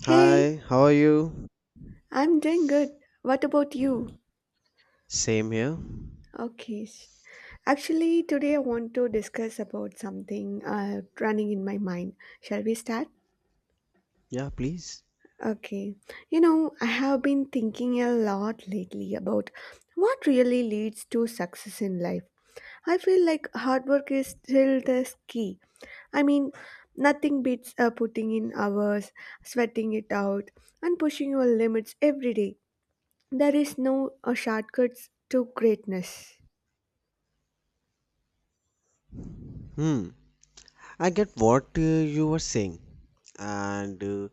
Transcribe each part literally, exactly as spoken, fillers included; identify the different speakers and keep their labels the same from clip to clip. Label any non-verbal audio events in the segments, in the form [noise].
Speaker 1: Hey,
Speaker 2: Hi, how are you?
Speaker 1: I'm doing good. What about you?
Speaker 2: Same here.
Speaker 1: Okay. s- Actually, today I want to discuss about something uh, running in my mind. Shall we start?
Speaker 2: Yeah, please.
Speaker 1: Okay. You know, I have been thinking a lot lately about what really leads to success in life. I feel like hard work is still the key. I mean, nothing beats uh, putting in hours, sweating it out, and pushing your limits every day. There is no uh, shortcuts to greatness.
Speaker 2: Hmm. I get what uh, you were saying, and uh,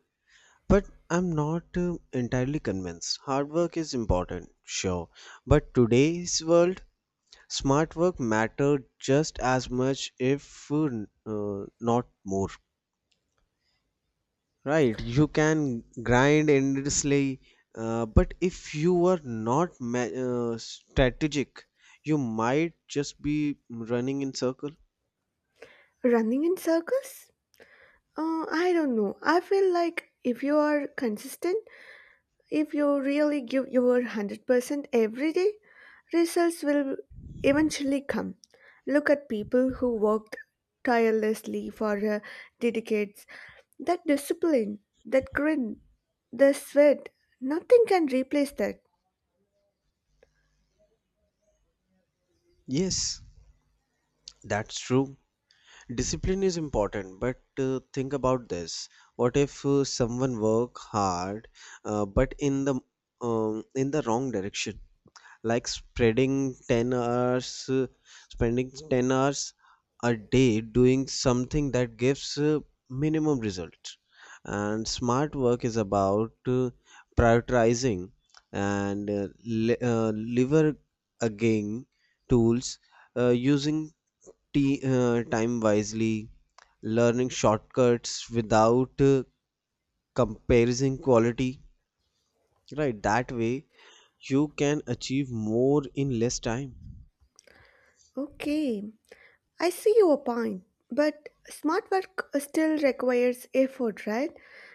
Speaker 2: but I'm not uh, entirely convinced. Hard work is important, sure, but today's world, smart work matter just as much, if uh, n- uh, not more. Right, you can grind endlessly, uh, but if you are not ma- uh, strategic, you might just be running in circle.
Speaker 1: Running in circles? Uh, I don't know. I feel like if you are consistent, if you really give your one hundred percent every day, results will eventually come. Look at people who worked tirelessly for uh, decades. That discipline, that grin, the sweat, nothing can replace that.
Speaker 2: Yes, that's true. Discipline is important, but uh, think about this. What if uh, someone work hard, uh, but in the um, in the wrong direction? Like spreading ten hours uh, spending ten hours a day doing something that gives uh, minimum result. And smart work is about uh, prioritizing and uh, li- uh, lever again tools uh, using t- uh, time wisely, learning shortcuts without uh, comparing quality, right? That way you can achieve more in less time.
Speaker 1: Okay, I see your point, but smart work still requires effort, right?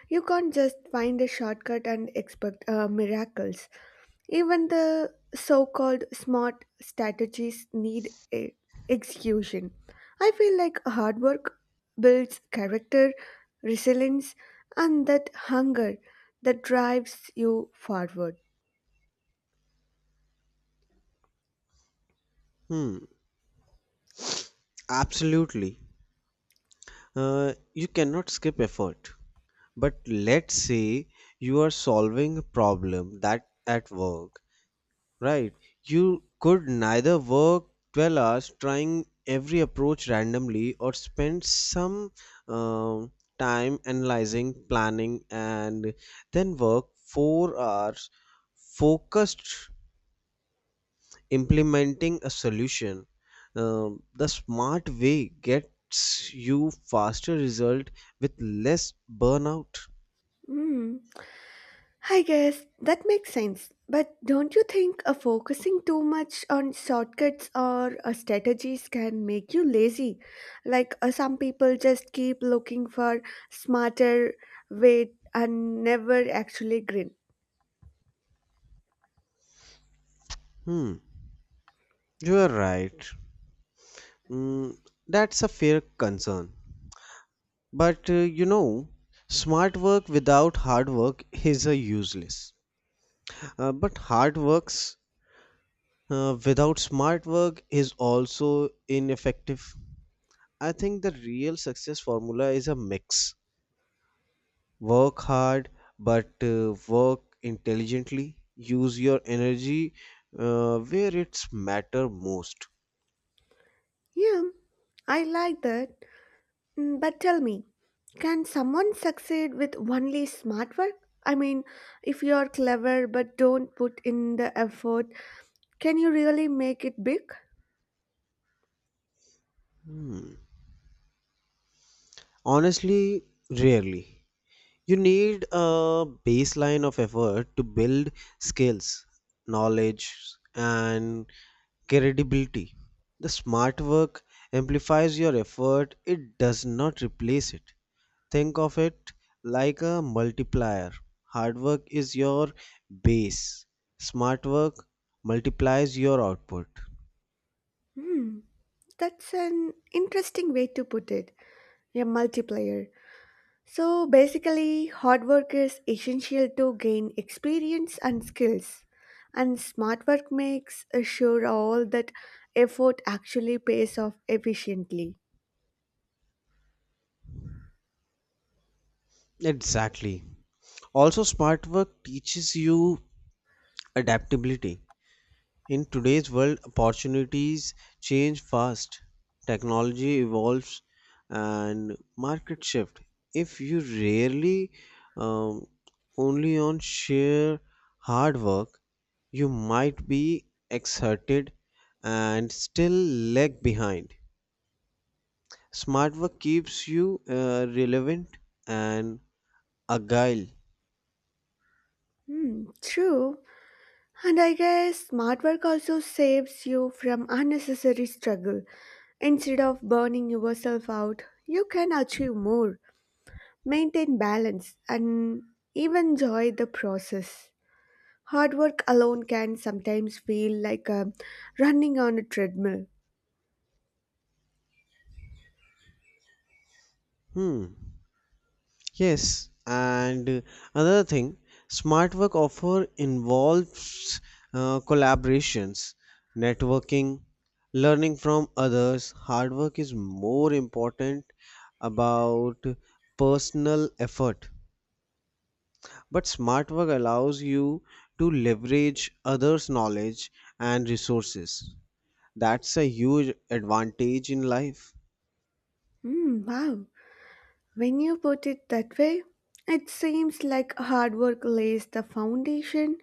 Speaker 1: You can't just find a shortcut and expect uh, miracles. Even the so called smart strategies need a execution. I feel like hard work builds character, resilience, and that hunger that drives you forward.
Speaker 2: Hmm, absolutely. Uh, you cannot skip effort. But let's say you are solving a problem that at work, right? You could neither work twelve hours trying every approach randomly or spend some um time analyzing, planning, and then work four hours focused implementing a solution. Um, the smart way gets you faster result with less burnout.
Speaker 1: Mm. I guess that makes sense. But don't you think uh, focusing too much on shortcuts or uh, strategies can make you lazy? Like uh, some people just keep looking for smarter way and never actually grin.
Speaker 2: Hmm, you are right. mm, that's a fair concern, but uh, you know, smart work without hard work is a useless, uh, but hard works uh, without smart work is also ineffective. I think the real success formula is a mix. Work hard, but uh, work intelligently. Use your energy uh, where it's matter most.
Speaker 1: Yeah, I like that. Mm, but tell me, can someone succeed with only smart work? I mean, if you're clever but don't put in the effort, can you really make it big?
Speaker 2: Hmm. Honestly, rarely. You need a baseline of effort to build skills, knowledge, and credibility. The smart work amplifies your effort, it does not replace it. Think of it like a multiplier. Hard work is your base, smart work multiplies your output.
Speaker 1: Hmm. That's an interesting way to put it, a multiplayer. So basically, hard work is essential to gain experience and skills, and smart work makes sure all that effort actually pays off efficiently.
Speaker 2: Exactly. Also, smart work teaches you adaptability. In today's world, opportunities change fast, technology evolves, and market shift. If you rarely um, only on sheer hard work, you might be exerted and still lag behind. Smart work keeps you uh, relevant and agile.
Speaker 1: Hmm, true. And I guess smart work also saves you from unnecessary struggle. Instead of burning yourself out, you can achieve more, maintain balance, and even enjoy the process. Hard work alone can sometimes feel like um, running on a treadmill.
Speaker 2: Hmm. Yes, and uh, another thing, smart work offer involves uh, collaborations, networking, learning from others. Hard work is more important about personal effort, but smart work allows you to leverage others' knowledge and resources. That's a huge advantage in life.
Speaker 1: Hmm, wow. When you put it that way, it seems like hard work lays the foundation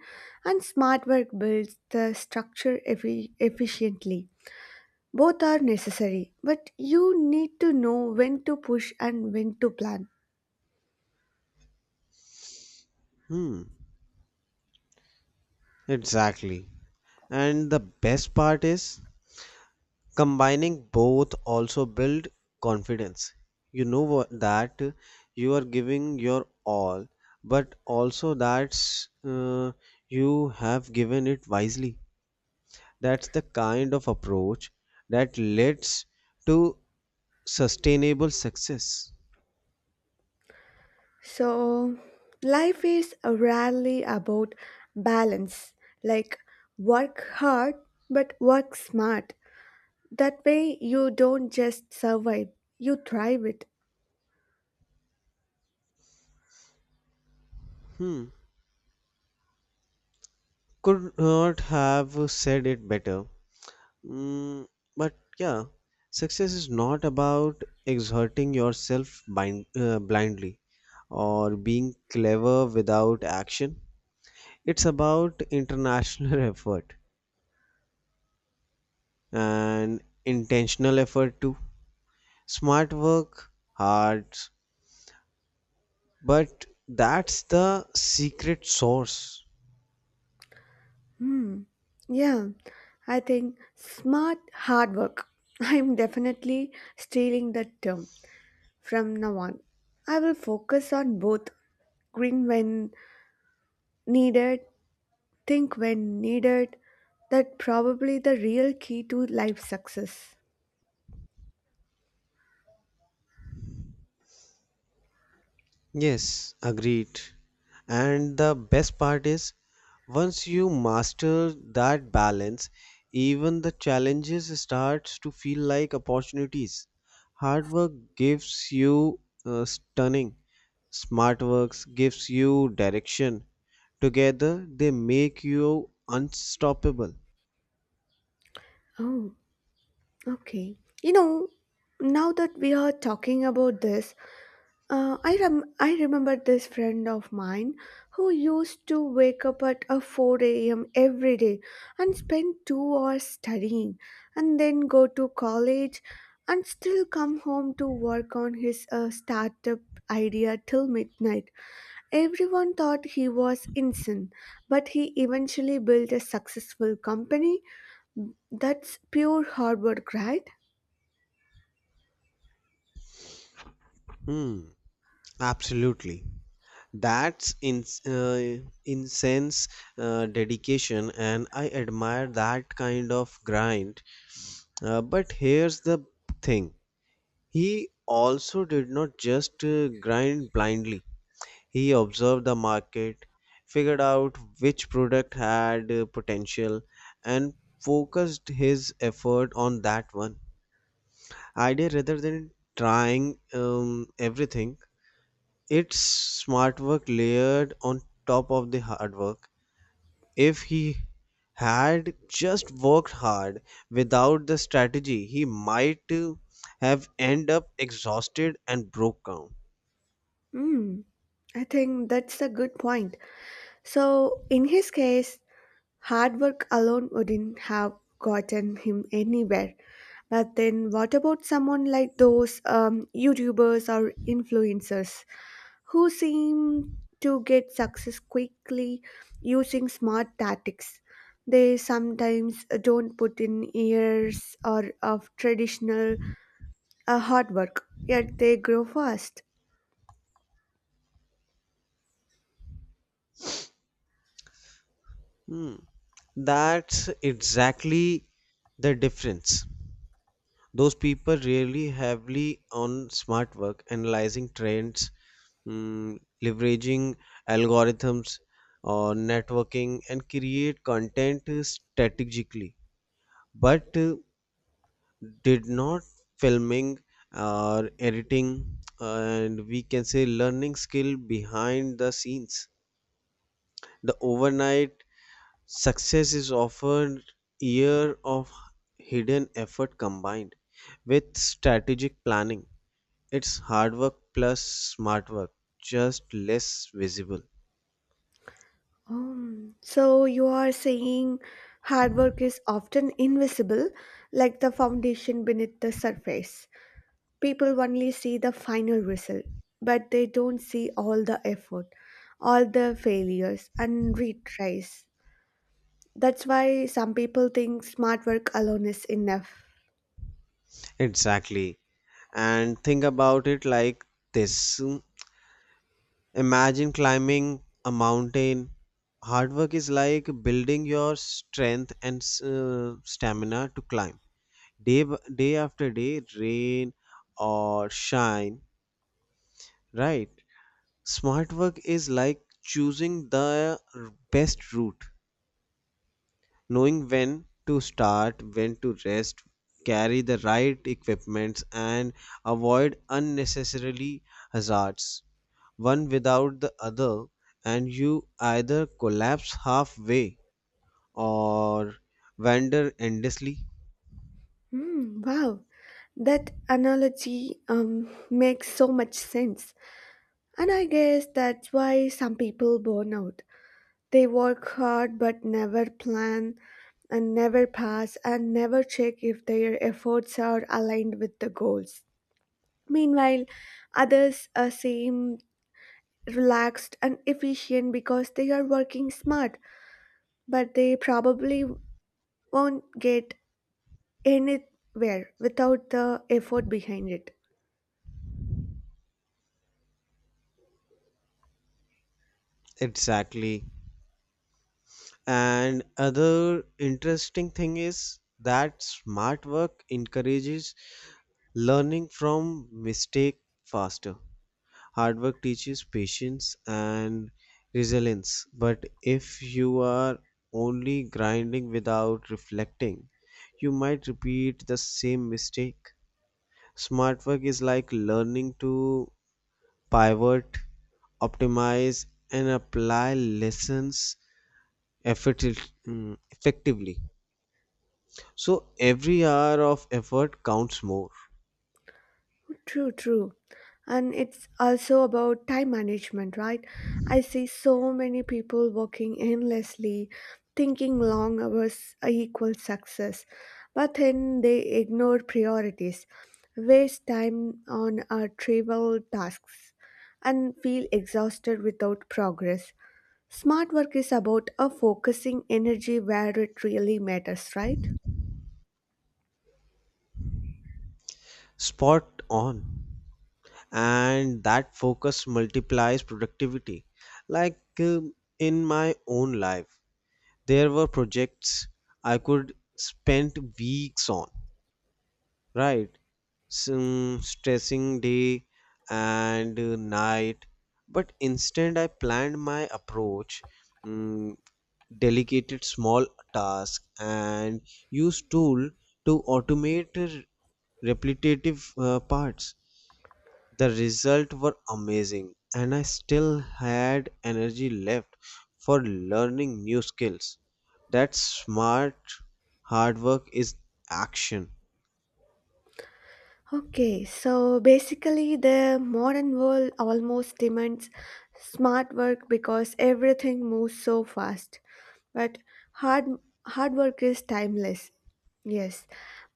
Speaker 1: and smart work builds the structure effi- efficiently. Both are necessary, but you need to know when to push and when to plan.
Speaker 2: Hmm, exactly. And the best part is combining both also build confidence, you know wha- that you are giving your all but also that's uh, you have given it wisely. That's the kind of approach that leads to sustainable success.
Speaker 1: So, life is rarely about balance, like work hard but work smart. That way, you don't just survive, you thrive it.
Speaker 2: Hmm, could not have said it better. Mm, but yeah, success is not about exerting yourself bind, uh, blindly or being clever without action. It's about international [laughs] effort and intentional effort too. Smart work, hard, but that's the secret source.
Speaker 1: Hmm. Yeah, I think smart hard work. [laughs] I'm definitely stealing that term from now on. I will focus on both grin when needed, think when needed. That probably the real key to life success.
Speaker 2: Yes, agreed. And the best part is, once you master that balance, even the challenges starts to feel like opportunities. Hard work gives you uh, stunning. Smart works gives you direction. Together, they make you unstoppable.
Speaker 1: Oh, okay. You know, now that we are talking about this, Uh, I rem- I remember this friend of mine who used to wake up at uh, four a m every day and spend two hours studying and then go to college and still come home to work on his uh, startup idea till midnight. Everyone thought he was insane, but he eventually built a successful company. That's pure hard work, right?
Speaker 2: Hmm, absolutely. That's in uh, incense uh, dedication, and I admire that kind of grind. Uh, but here's the thing: he also did not just uh, grind blindly. He observed the market, figured out which product had uh, potential, and focused his effort on that one idea rather than trying um, everything. It's smart work layered on top of the hard work. If he had just worked hard without the strategy, he might uh, have end up exhausted and broke down.
Speaker 1: Hmm. I think that's a good point. So, in his case, hard work alone wouldn't have gotten him anywhere. But then, what about someone like those um, YouTubers or influencers who seem to get success quickly using smart tactics? They sometimes don't put in years or of traditional uh, hard work, yet they grow fast.
Speaker 2: Hmm. That's exactly the difference. Those people really heavily on smart work, analyzing trends, mm, leveraging algorithms or networking and create content strategically. But uh, did not filming or editing, and we can say learning skill behind the scenes. The overnight success is often year of hidden effort combined with strategic planning. It's hard work plus smart work, just less visible.
Speaker 1: Um, so you are saying hard work is often invisible, like the foundation beneath the surface. People only see the final result, but they don't see all the effort, all the failures and retries. That's why some people think smart work alone is enough.
Speaker 2: Exactly. And think about it like this. Imagine climbing a mountain. Hard work is like building your strength and uh, stamina to climb. Day, b- day after day, rain or shine, right? Smart work is like choosing the r- best route, knowing when to start, when to rest, carry the right equipments, and avoid unnecessarily hazards. One without the other, and you either collapse halfway or wander endlessly.
Speaker 1: Hmm, wow, that analogy um, makes so much sense. And I guess that's why some people burn out. They work hard but never plan and never pass and never check if their efforts are aligned with the goals. Meanwhile, others uh, seem relaxed and efficient because they are working smart, but they probably won't get anywhere without the effort behind it.
Speaker 2: Exactly. And other interesting thing is that smart work encourages learning from mistake faster. Hard work teaches patience and resilience, but if you are only grinding without reflecting, you might repeat the same mistake. Smart work is like learning to pivot, optimize, and apply lessons effecti- mm, effectively. So every hour of effort counts more.
Speaker 1: True, true. And it's also about time management, right? I see so many people working endlessly, thinking long hours equals success, but then they ignore priorities, waste time on uh, trivial tasks, and feel exhausted without progress. Smart work is about uh, focusing energy where it really matters, right?
Speaker 2: Spot on. And that focus multiplies productivity. Like um, in my own life there were projects I could spend weeks on, right? Some stressing day and uh, night, but instead I planned my approach, mm, delegated small tasks and used tool to automate uh, repetitive uh, parts. The results were amazing, and I still had energy left for learning new skills. That smart hard work is action.
Speaker 1: Okay, so basically, the modern world almost demands smart work because everything moves so fast. But hard hard work is timeless. Yes,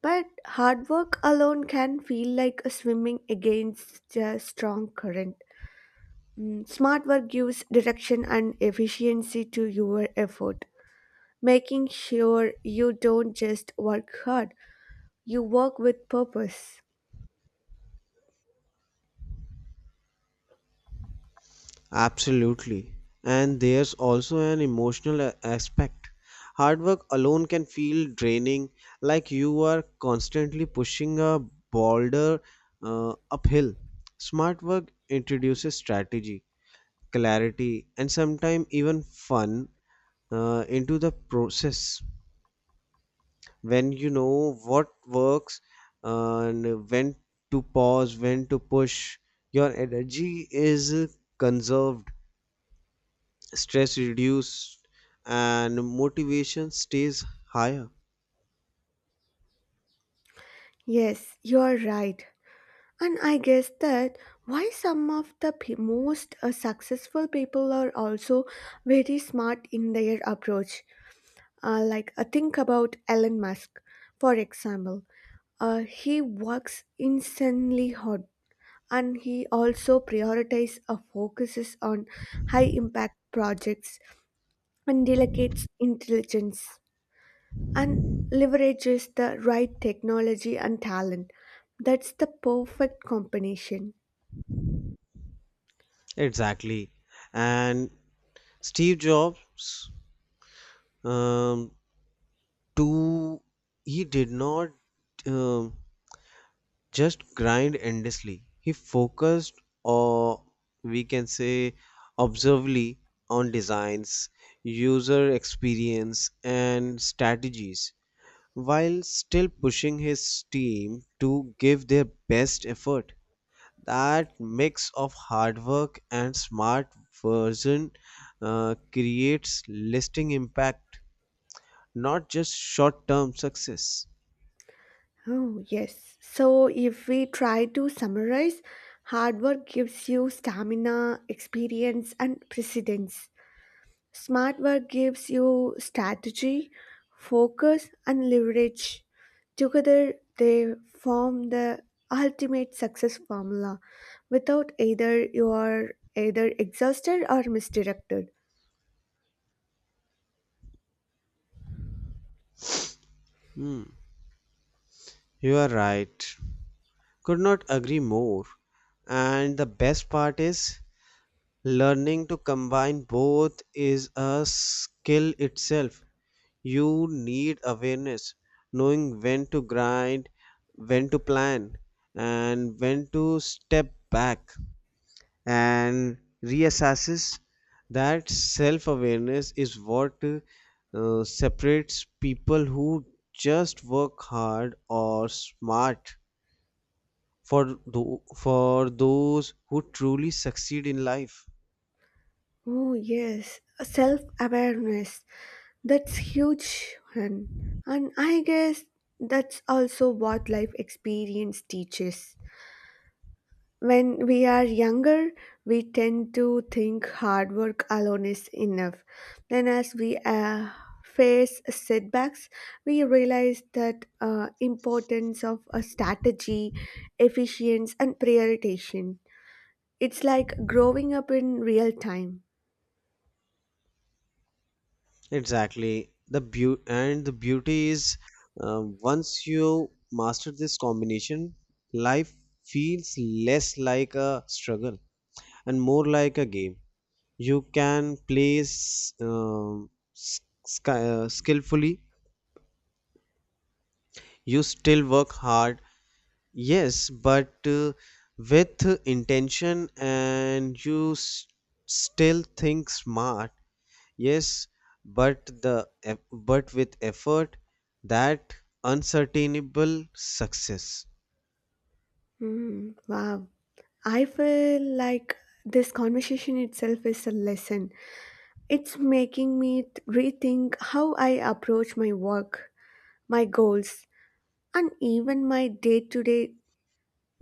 Speaker 1: but hard work alone can feel like a swimming against a strong current. Mm, smart work gives direction and efficiency to your effort, making sure you don't just work hard, you work with purpose.
Speaker 2: Absolutely. And there's also an emotional a- aspect. Hard work alone can feel draining, like you are constantly pushing a boulder uh, uphill. Smart work introduces strategy, clarity, and sometimes even fun uh, into the process. When you know what works and when to pause, when to push. Your energy is conserved, stress reduced, and motivation stays higher.
Speaker 1: Yes, you are right. And I guess that why some of the pe- most uh, successful people are also very smart in their approach. Uh, like uh, think about Elon Musk, for example. Uh, he works insanely hard, and he also prioritizes or focuses on high impact projects and delegates intelligence and leverages the right technology and talent. That's the perfect combination.
Speaker 2: Exactly. And Steve Jobs, um, to he did not. um just grind endlessly. He focused, or we can say, observably on designs, user experience, and strategies, while still pushing his team to give their best effort. That mix of hard work and smart version uh, creates lasting impact, not just short term success.
Speaker 1: Oh, yes. So, if we try to summarize, hard work gives you stamina, experience, and precedence. Smart work gives you strategy, focus, and leverage. Together, they form the ultimate success formula. Without either, you are either exhausted or misdirected.
Speaker 2: Hmm, you are right. Could not agree more. And the best part is learning to combine both is a skill itself. You need awareness, knowing when to grind, when to plan, and when to step back and reassess. That self awareness is what uh, separates people who just work hard or smart for tho- for those who truly succeed in life.
Speaker 1: Oh, yes. Self awareness. That's huge, hun. And I guess that's also what life experience teaches. When we are younger, we tend to think hard work alone is enough. Then, as we uh, face setbacks, we realize that uh, importance of a strategy, efficiency, and prioritization. It's like growing up in real time.
Speaker 2: Exactly the beauty. And the beauty is, uh, once you master this combination, life feels less like a struggle and more like a game you can play s- um, s- sky- uh, skillfully. You still work hard, yes, but uh, with intention, and you s- still think smart. Yes, but the eff- but with effort that uncertainable success.
Speaker 1: Hmm, wow. I feel like this conversation itself is a lesson. It's making me th- rethink how I approach my work, my goals, and even my day to day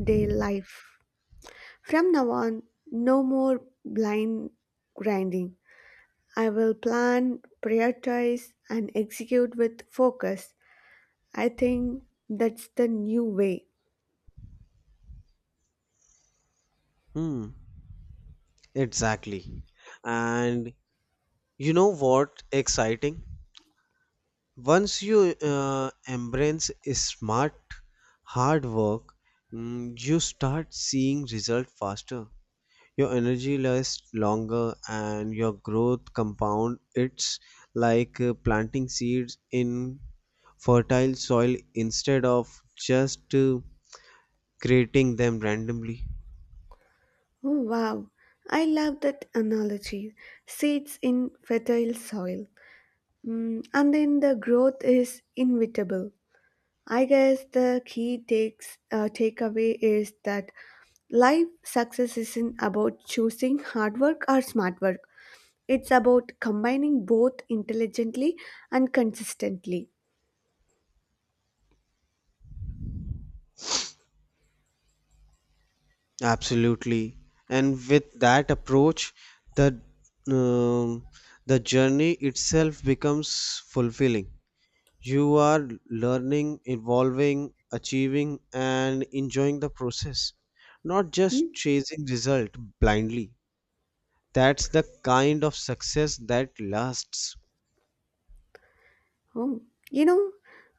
Speaker 1: day life. From now on, no more blind grinding. I will plan, prioritize, and execute with focus. I think that's the new way.
Speaker 2: Hmm, exactly. And you know what exciting? Once you uh, embrace smart hard work, mm, you start seeing result faster. Your energy lasts longer and your growth compound. It's like uh, planting seeds in fertile soil instead of just uh, creating them randomly.
Speaker 1: Oh, wow. I love that analogy. Seeds in fertile soil. Mm, and then the growth is inevitable. I guess the key takes uh, takeaway is that life success isn't about choosing hard work or smart work. It's about combining both intelligently and consistently.
Speaker 2: Absolutely. And with that approach, the um, the journey itself becomes fulfilling. You are learning, evolving, achieving and enjoying the process, not just
Speaker 1: Hmm?
Speaker 2: chasing result blindly. That's the kind of success that lasts.
Speaker 1: Oh, you know,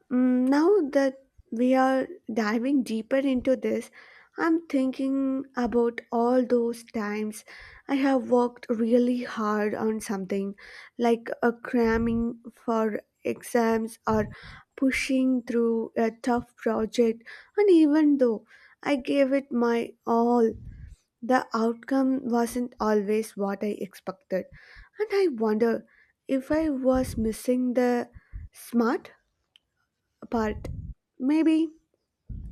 Speaker 1: mm, now that we are diving deeper into this, I'm thinking about all those times I have worked really hard on something, like a cramming for exams or pushing through a tough project, and even though I gave it my all, the outcome wasn't always what I expected, and I wonder if I was missing the smart part. Maybe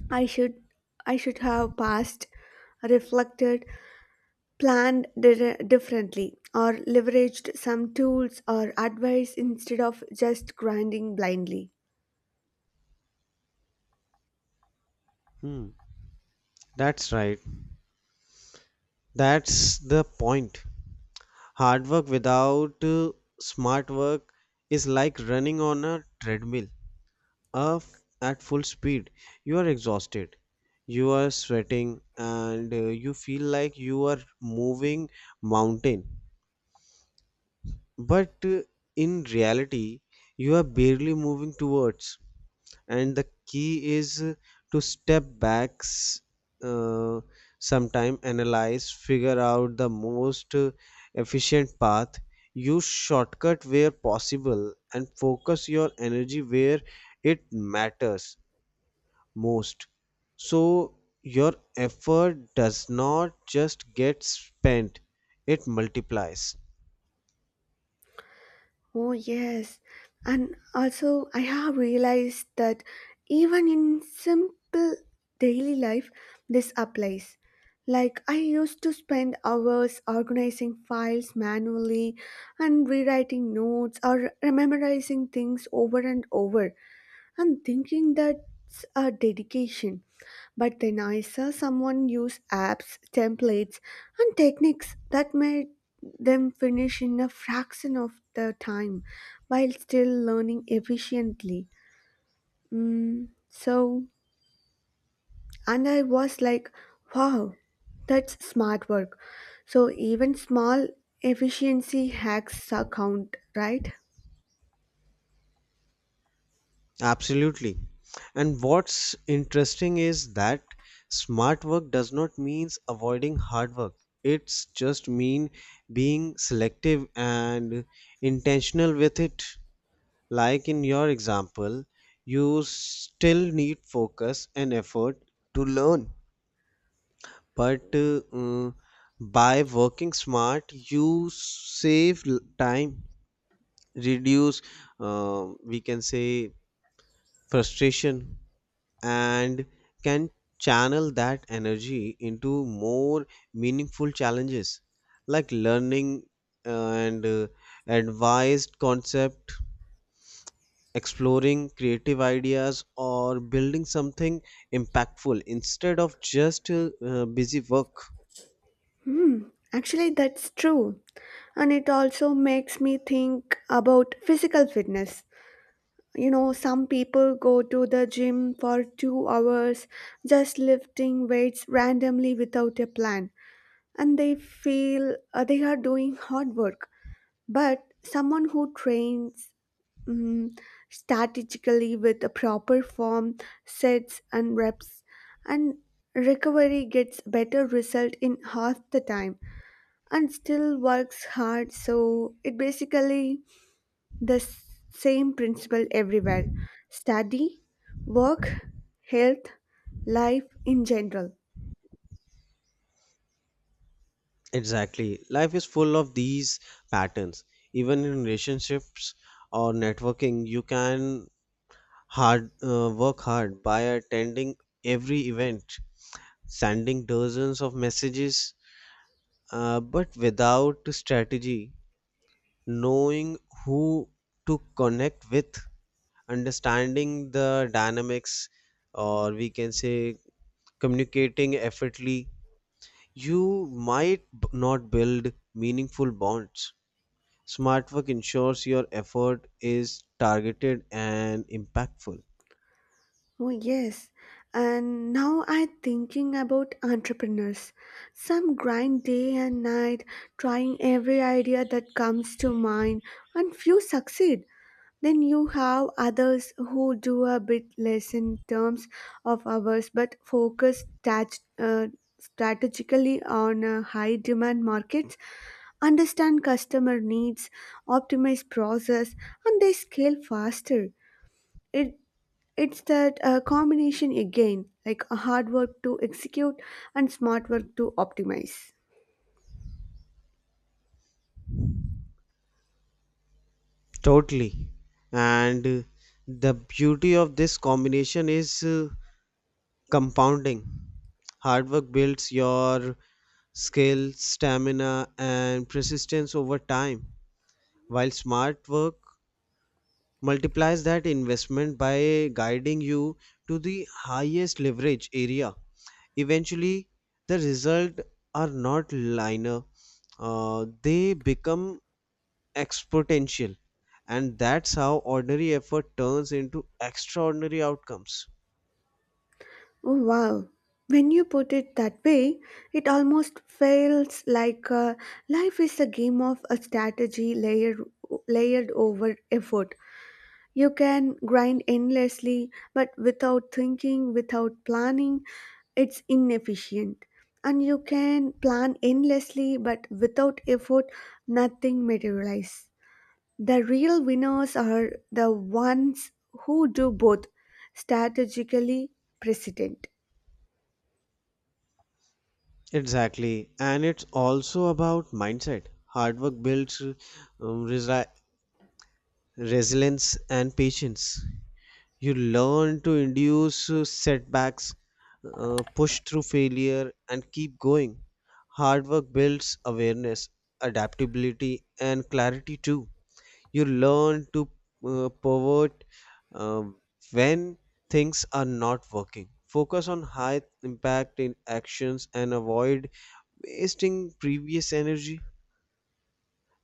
Speaker 1: I should I should have passed, reflected, planned dir- differently, or leveraged some tools or advice instead of just grinding blindly.
Speaker 2: Hmm. That's right. That's the point. Hard work without uh, smart work is like running on a treadmill uh, f- at full speed. You are exhausted, you are sweating, and uh, you feel like you are moving mountain. But uh, in reality, you are barely moving towards. And the key is uh, to step back, s- uh, sometime analyze, figure out the most uh, efficient path, use shortcut where possible and focus your energy where it matters most, so your effort does not just get spent, it multiplies.
Speaker 1: Oh, yes. And also, I have realized that even in simple daily life, this applies. Like, I used to spend hours organizing files manually and rewriting notes or memorizing things over and over and thinking that's a dedication. But then I saw someone use apps, templates, and techniques that made them finish in a fraction of the time while still learning efficiently. Mm, so, and I was like, wow, that's smart work. So, even small efficiency hacks count, right?
Speaker 2: Absolutely. And what's interesting is that smart work does not means avoiding hard work. It's just mean being selective and intentional with it. Like in your example, you still need focus and effort to learn. But uh, uh, by working smart, you save l- time, reduce, uh, we can say, frustration, and can channel that energy into more meaningful challenges like learning uh, and uh, advised concept, exploring creative ideas or building something impactful instead of just uh, uh, busy work.
Speaker 1: Hmm, actually, that's true. And it also makes me think about physical fitness. You know, some people go to the gym for two hours just lifting weights randomly without a plan, and they feel uh, they are doing hard work, but someone who trains mm strategically with a proper form, sets and reps, and recovery gets better result in half the time and still works hard. So it basically the s- same principle everywhere: study, work, health, life in general.
Speaker 2: Exactly, life is full of these patterns. Even in relationships or networking, you can hard uh, work hard by attending every event, sending dozens of messages, uh, but without strategy, knowing who to connect with, understanding the dynamics, or we can say communicating effortly, you might b- not build meaningful bonds. Smart work ensures your effort is targeted and impactful.
Speaker 1: Oh, yes. And now I'm thinking about entrepreneurs. Some grind day and night, trying every idea that comes to mind, and few succeed. Then you have others who do a bit less in terms of hours but focus stat- uh, strategically on uh, high demand markets, understand customer needs, optimize process, and they scale faster. It it's that uh, combination again, like a hard work to execute and smart work to optimize.
Speaker 2: Totally. And uh, the beauty of this combination is, uh, compounding. Hard work builds your skill, stamina and persistence over time, while smart work multiplies that investment by guiding you to the highest leverage area. Eventually, the results are not linear, uh, they become exponential, and that's how ordinary effort turns into extraordinary outcomes.
Speaker 1: Oh wow! When you put it that way, it almost feels like uh, life is a game of a strategy layer layered over effort. You can grind endlessly, but without thinking, without planning, it's inefficient. And you can plan endlessly, but without effort, nothing materializes. The real winners are the ones who do both strategically precedent.
Speaker 2: Exactly, and it's also about mindset. Hard work builds um, resi- resilience and patience. You learn to induce uh, setbacks, uh, push through failure, and keep going. Hard work builds awareness, adaptability, and clarity too. You learn to uh, pivot um, when things are not working. Focus on high impact in actions and avoid wasting previous energy.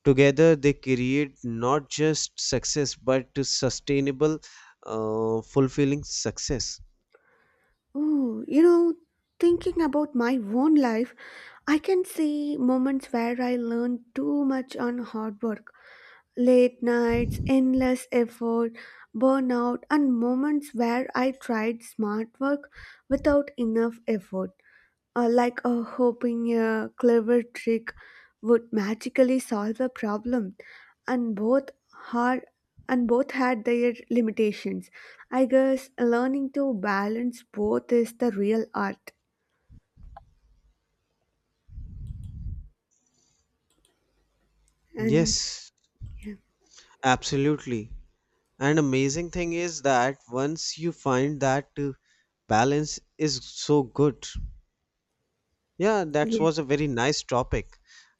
Speaker 2: Together, they create not just success but to sustainable, uh, fulfilling success.
Speaker 1: Oh, you know, thinking about my own life, I can see moments where I learned too much on hard work. Late nights, endless effort, burnout, and moments where I tried smart work without enough effort, uh, like uh, hoping a clever trick would magically solve a problem, and both hard and both had their limitations. I guess learning to balance both is the real art. And
Speaker 2: Yes, absolutely. And amazing thing is that once you find that uh, balance is so good. Yeah, that
Speaker 1: yes,
Speaker 2: was a very nice topic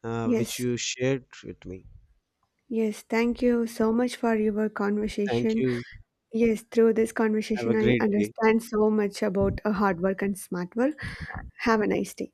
Speaker 2: uh,
Speaker 1: yes.
Speaker 2: which you shared with me.
Speaker 1: Yes, thank you so much for your
Speaker 2: Thank
Speaker 1: conversation.
Speaker 2: you.
Speaker 1: Yes, through this
Speaker 2: Have
Speaker 1: conversation,
Speaker 2: a
Speaker 1: I
Speaker 2: great day.
Speaker 1: understand so much about uh, hard work and smart work. Have a nice day.